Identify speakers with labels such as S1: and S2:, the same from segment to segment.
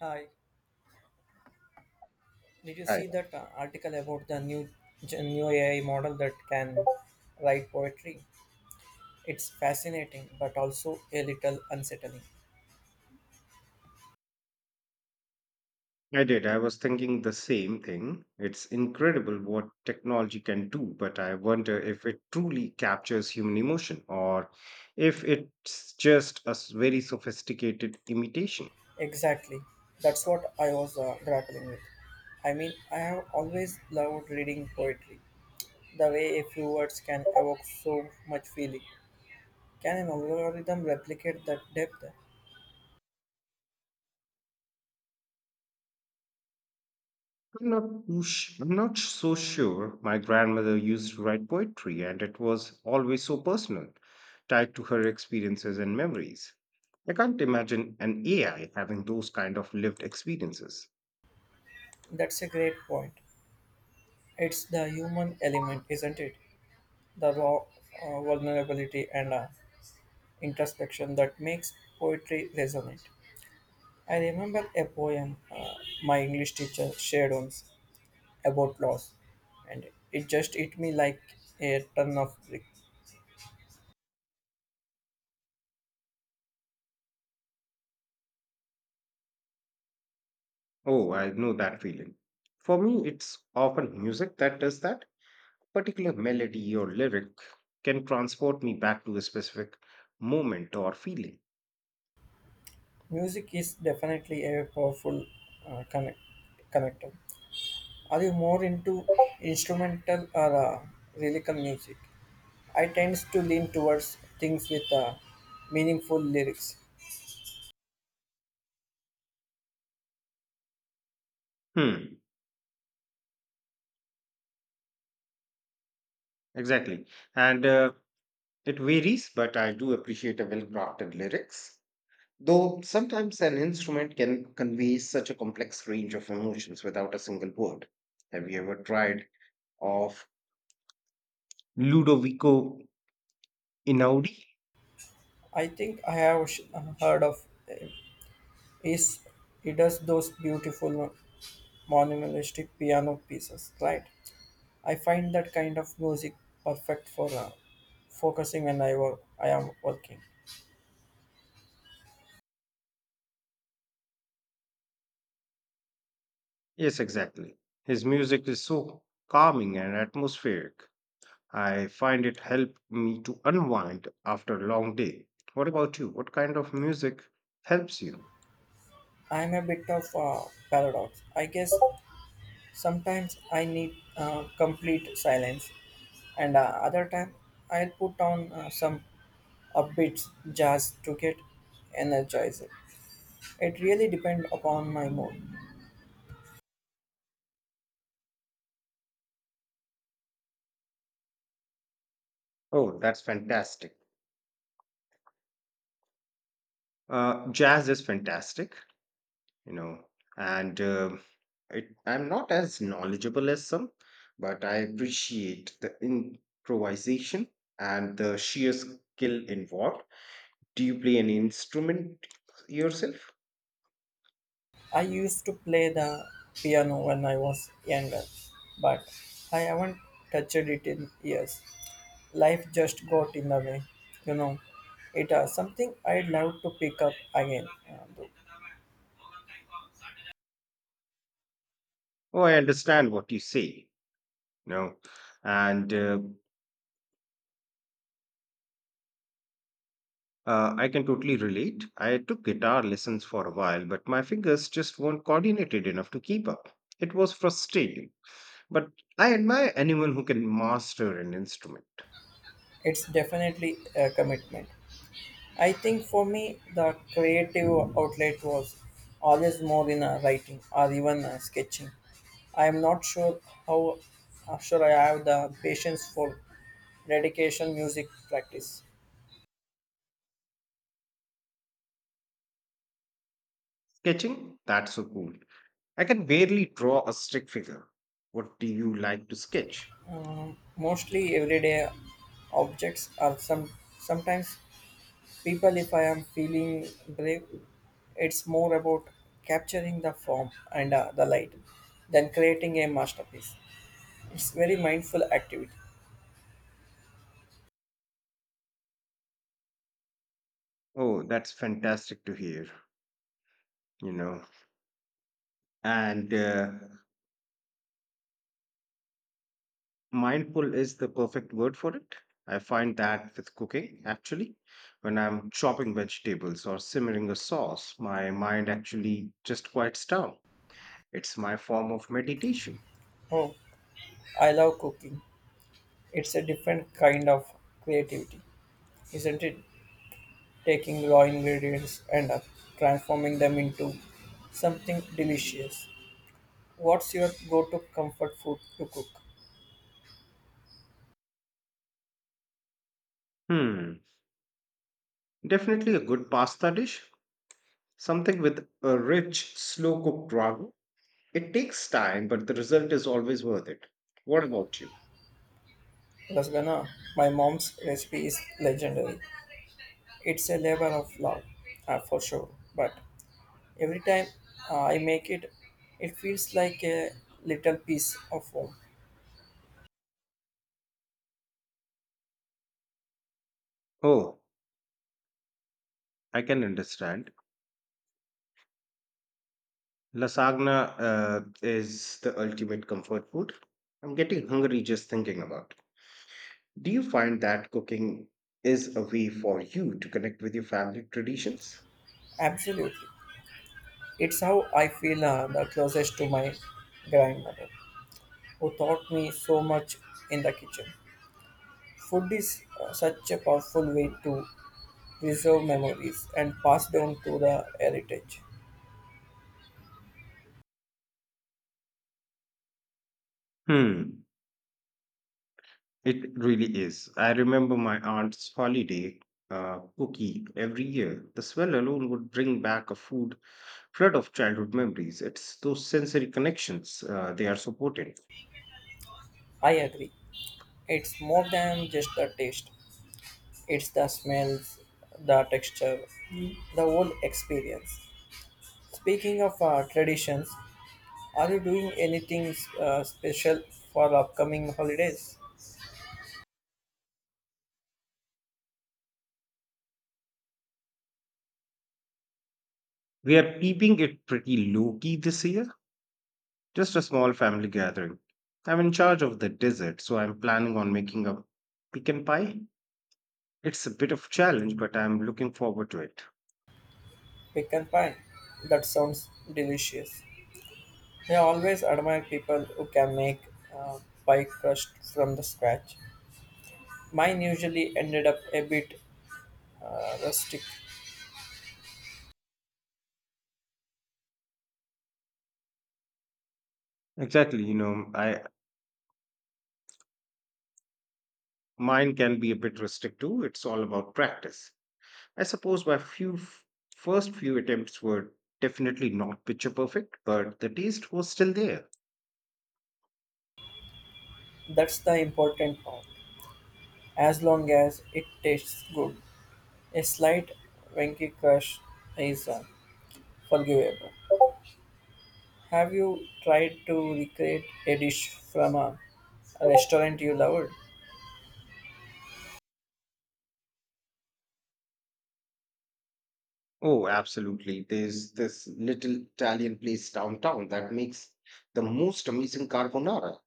S1: Hi, did you see
S2: Hi.
S1: that article about the new new AI model that can write poetry? It's fascinating, but also a little unsettling.
S2: I did. I was thinking the same thing. It's incredible what technology can do, but I wonder if it truly captures human emotion or if it's just very sophisticated imitation.
S1: Exactly, that's what I was grappling with. I mean, I have always loved reading poetry. The way a few words can evoke so much feeling. Can an algorithm replicate that depth?
S2: I'm not so sure. My grandmother used to write poetry, and it was always so personal, tied to her experiences and memories. I can't imagine an AI having those kind of lived experiences.
S1: That's a great point. It's the human element, isn't it? The raw vulnerability and introspection that makes poetry resonate. I remember a poem my English teacher shared once about loss, and it just hit me like a ton of brick.
S2: Oh, I know that feeling. For me, it's often music that does that. Particular melody or lyric can transport me back to a specific moment or feeling.
S1: Music is definitely a powerful uh, connect- connector. Are you more into instrumental or lyrical music? I tend to lean towards things with meaningful lyrics.
S2: Hmm, exactly. And It varies, but I do appreciate a well-crafted lyrics. Though sometimes an instrument can convey such a complex range of emotions without a single word. Have you ever tried of Ludovico Einaudi?
S1: I think I have heard of uh, piece he does those beautiful monumentalistic piano pieces, right? I find that kind of music perfect for focusing when I am working.
S2: Yes, exactly. His music is so calming and atmospheric. I find it helped me to unwind after a long day. What about you? What kind of music helps you?
S1: I'm a bit of a paradox, I guess. Sometimes I need complete silence, and other time I'll put on some upbeat jazz to get energized. It really depends upon my mood.
S2: Oh, that's fantastic. Jazz is fantastic, you know, and I'm not as knowledgeable as some, but I appreciate the improvisation and the sheer skill involved. Do you play any instrument yourself?
S1: I used to play the piano when I was younger, but I haven't touched it in years. Life just got in the way, you know. It is something I'd love to pick up again. Though.
S2: Oh, I understand what you say. No, and I can totally relate. I took guitar lessons for a while, but my fingers just weren't coordinated enough to keep up. It was frustrating, but I admire anyone who can master an instrument.
S1: It's definitely a commitment. I think for me, the creative outlet was always more in writing or even sketching. I am not sure how sure I have the patience for dedication music practice.
S2: Sketching? That's so cool. I can barely draw a stick figure. What do you like to sketch?
S1: Mostly everyday objects, are some sometimes people if I am feeling brave. It's more about capturing the form and the light than creating a masterpiece. It's very mindful activity.
S2: Oh, that's fantastic to hear, you know. And Mindful is the perfect word for it. I find that with cooking, actually, when I'm chopping vegetables or simmering a sauce, my mind actually just quiets down. It's my form of meditation.
S1: Oh, I love cooking. It's a different kind of creativity, isn't it? Taking raw ingredients and transforming them into something delicious. What's your go-to comfort food to cook?
S2: Hmm, definitely a good pasta dish, something with a rich, slow cooked ragu. It takes time, but the result is always worth it. What about you?
S1: Lasagna, my mom's recipe is legendary. It's a labor of love, for sure. But every time I make it, it feels like a little piece of home.
S2: Oh, I can understand. Lasagna is the ultimate comfort food. I'm getting hungry just thinking about it. Do you find that cooking is a way for you to connect with your family traditions?
S1: Absolutely. It's how I feel the closest to my grandmother, who taught me so much in the kitchen. Food is such a powerful way to preserve memories and pass down to the heritage.
S2: Hmm, it really is. I remember my aunt's holiday cookie every year. The smell alone would bring back a food flood of childhood memories. It's those sensory connections they are supporting.
S1: I agree. It's more than just the taste. It's the smells, the texture, the whole experience. Speaking of traditions, are you doing anything special for upcoming holidays?
S2: We are keeping it pretty low key this year. Just a small family gathering. I'm in charge of the dessert, so I'm planning on making a pecan pie. It's a bit of challenge, but I'm looking forward to it.
S1: Pecan pie. That sounds delicious. I always admire people who can make uh, pie crust from the scratch. Mine usually ended up a bit rustic.
S2: Exactly, I mine can be a bit rustic too. It's all about practice. I suppose first few attempts were definitely not picture perfect, but the taste was still there.
S1: That's the important part. As long as it tastes good, a slight winky crust is on forgivable. Have you tried to recreate a dish from a restaurant you loved?
S2: Oh, absolutely. There's this little Italian place downtown that makes the most amazing carbonara.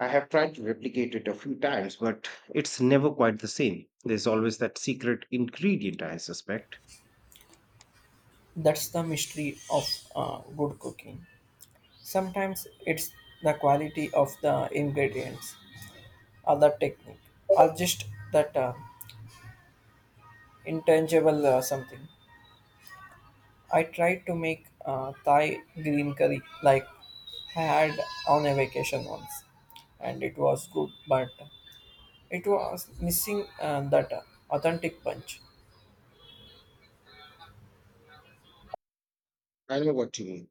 S2: I have tried to replicate it a few times, but it's never quite the same. There's always that secret ingredient, I suspect.
S1: That's the mystery of good cooking. Sometimes it's the quality of the ingredients, or the technique, or just that intangible something. I tried to make Thai green curry like I had on a vacation once, and it was good, but it was missing that authentic punch.
S2: I know what you mean.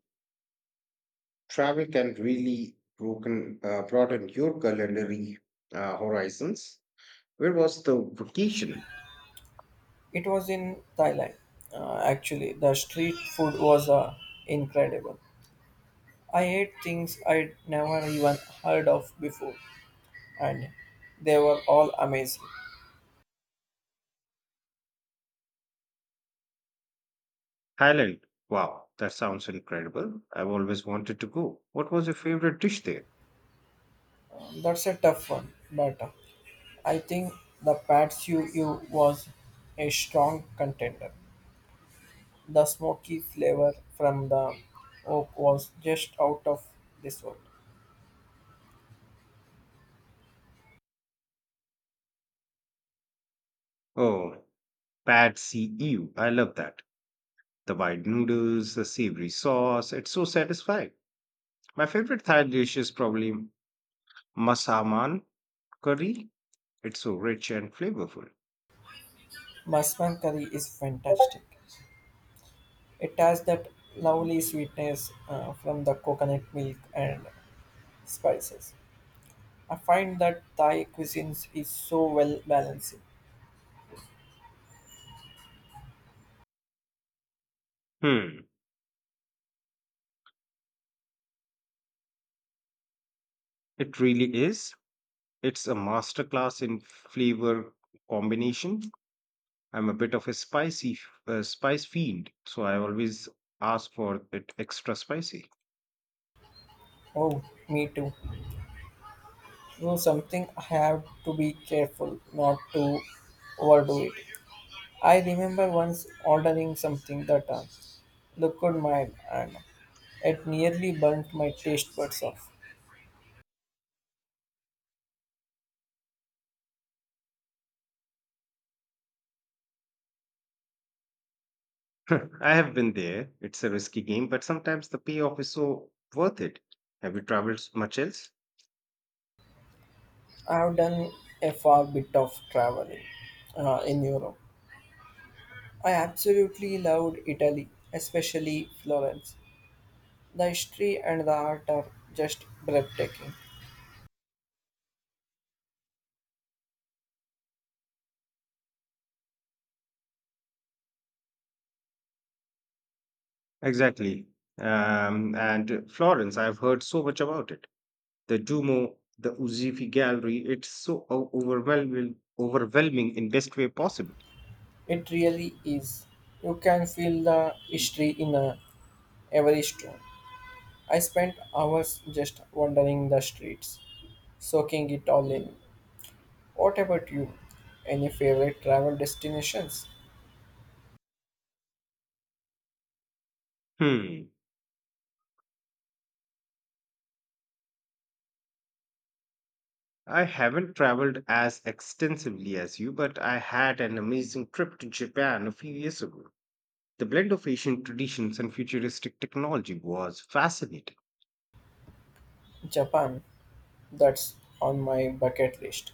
S2: Travel can really broaden your culinary horizons. Where was the vacation?
S1: It was in Thailand. Actually, the street food was incredible. I ate things I'd never even heard of before, and they were all amazing.
S2: Thailand. Wow, that sounds incredible. I've always wanted to go. What was your favorite dish there?
S1: That's a tough one, but I think the Pad Siu Ew was a strong contender. The smoky flavor from the oak was just out of this world.
S2: Oh, Pad see, I love that. The wide noodles, the savory sauce, it's so satisfying. My favorite Thai dish is probably masaman curry. It's so rich and flavorful.
S1: Masman curry is It has that lovely sweetness from the coconut milk and spices. I find that Thai cuisine is so well balanced.
S2: Hmm, it really is. It's a masterclass in flavor combination. I'm a bit of a spice fiend, so I always ask for it extra spicy.
S1: Oh, me too. So something I have to be careful not to overdo it. I remember once ordering something that looked mild and it nearly burnt my taste buds off.
S2: I have been there. It's a risky game, but sometimes the payoff is so worth it. Have you traveled much else?
S1: I have done a fair bit of traveling in Europe. I absolutely loved Italy, especially Florence. The history and the art are just breathtaking.
S2: Exactly. And Florence, I've heard so much about it. The Duomo, the Uzifi Gallery, it's so overwhelming in best way possible.
S1: It really is. You can feel the history in every stone. I spent hours just wandering the streets, soaking it all in. What about you? Any favorite travel destinations?
S2: Hmm. I haven't traveled as extensively as you, but I had an amazing trip to Japan a few years ago. The blend of ancient traditions and futuristic technology was fascinating.
S1: Japan. That's on my bucket list.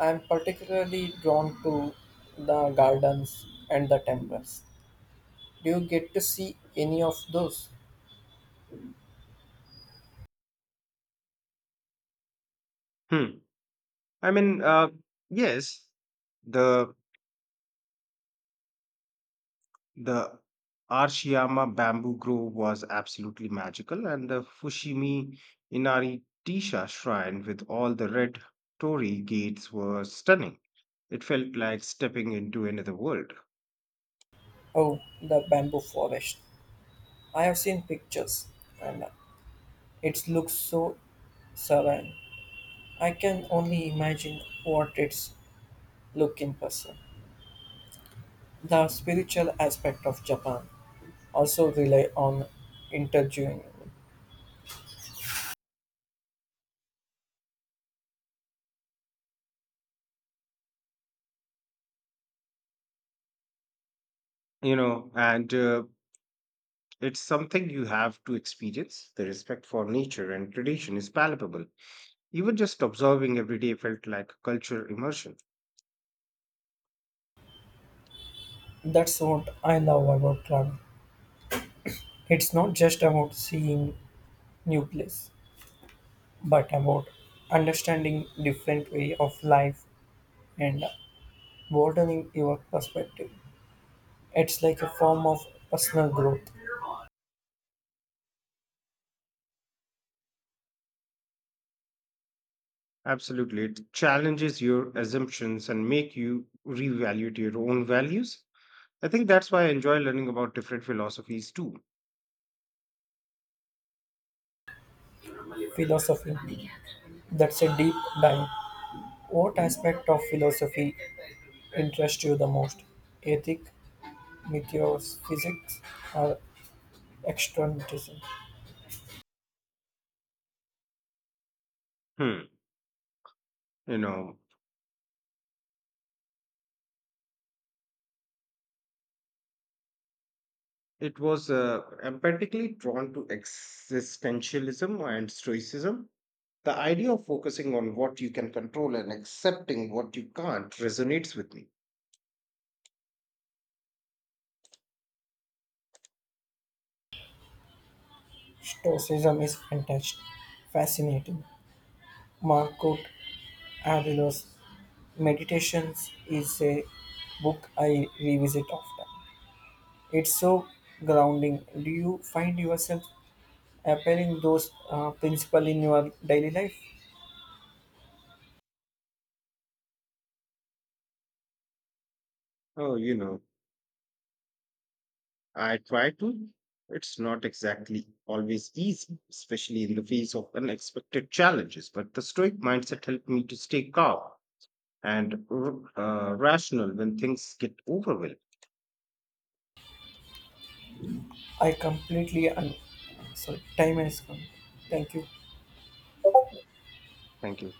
S1: I'm particularly drawn to the gardens and the temples. Do you get to see any of those?
S2: Hmm. I mean, uh, yes, the the Arashiyama bamboo grove was absolutely magical, and the Fushimi Inari Tisha shrine with all the red torii gates were stunning. It felt like stepping into another world.
S1: Oh, the bamboo forest. I have seen pictures and it looks so serene. I can only imagine what it's look in person. The spiritual aspect of Japan also rely on interviewing.
S2: You know and It's something you have to experience. The respect for nature and tradition is palpable. Even just observing every day felt like a cultural immersion.
S1: That's what I love about travel. It's not just about seeing new place, but about understanding different way of life and broadening your perspective. It's like a form of personal growth.
S2: Absolutely. It challenges your assumptions and make you reevaluate your own values. I think that's why I enjoy learning about different philosophies too.
S1: Philosophy. That's a deep dive. What aspect of philosophy interests you the most? Ethic, metaphysics, or externalism?
S2: Hmm. You know, it was I Drawn to existentialism and stoicism. The idea of focusing on what you can control and accepting what you can't resonates with me.
S1: Stoicism is fascinating. Marcus Aurelius' Meditations is a book I revisit often. It's so grounding. Do you find yourself applying those principles in your daily life?
S2: Oh, I try to. It's not exactly always easy, especially in the face of unexpected challenges, but the stoic mindset helped me to stay calm and rational when things get overwhelming.
S1: I completely sorry, time has come. Thank you.
S2: Thank you.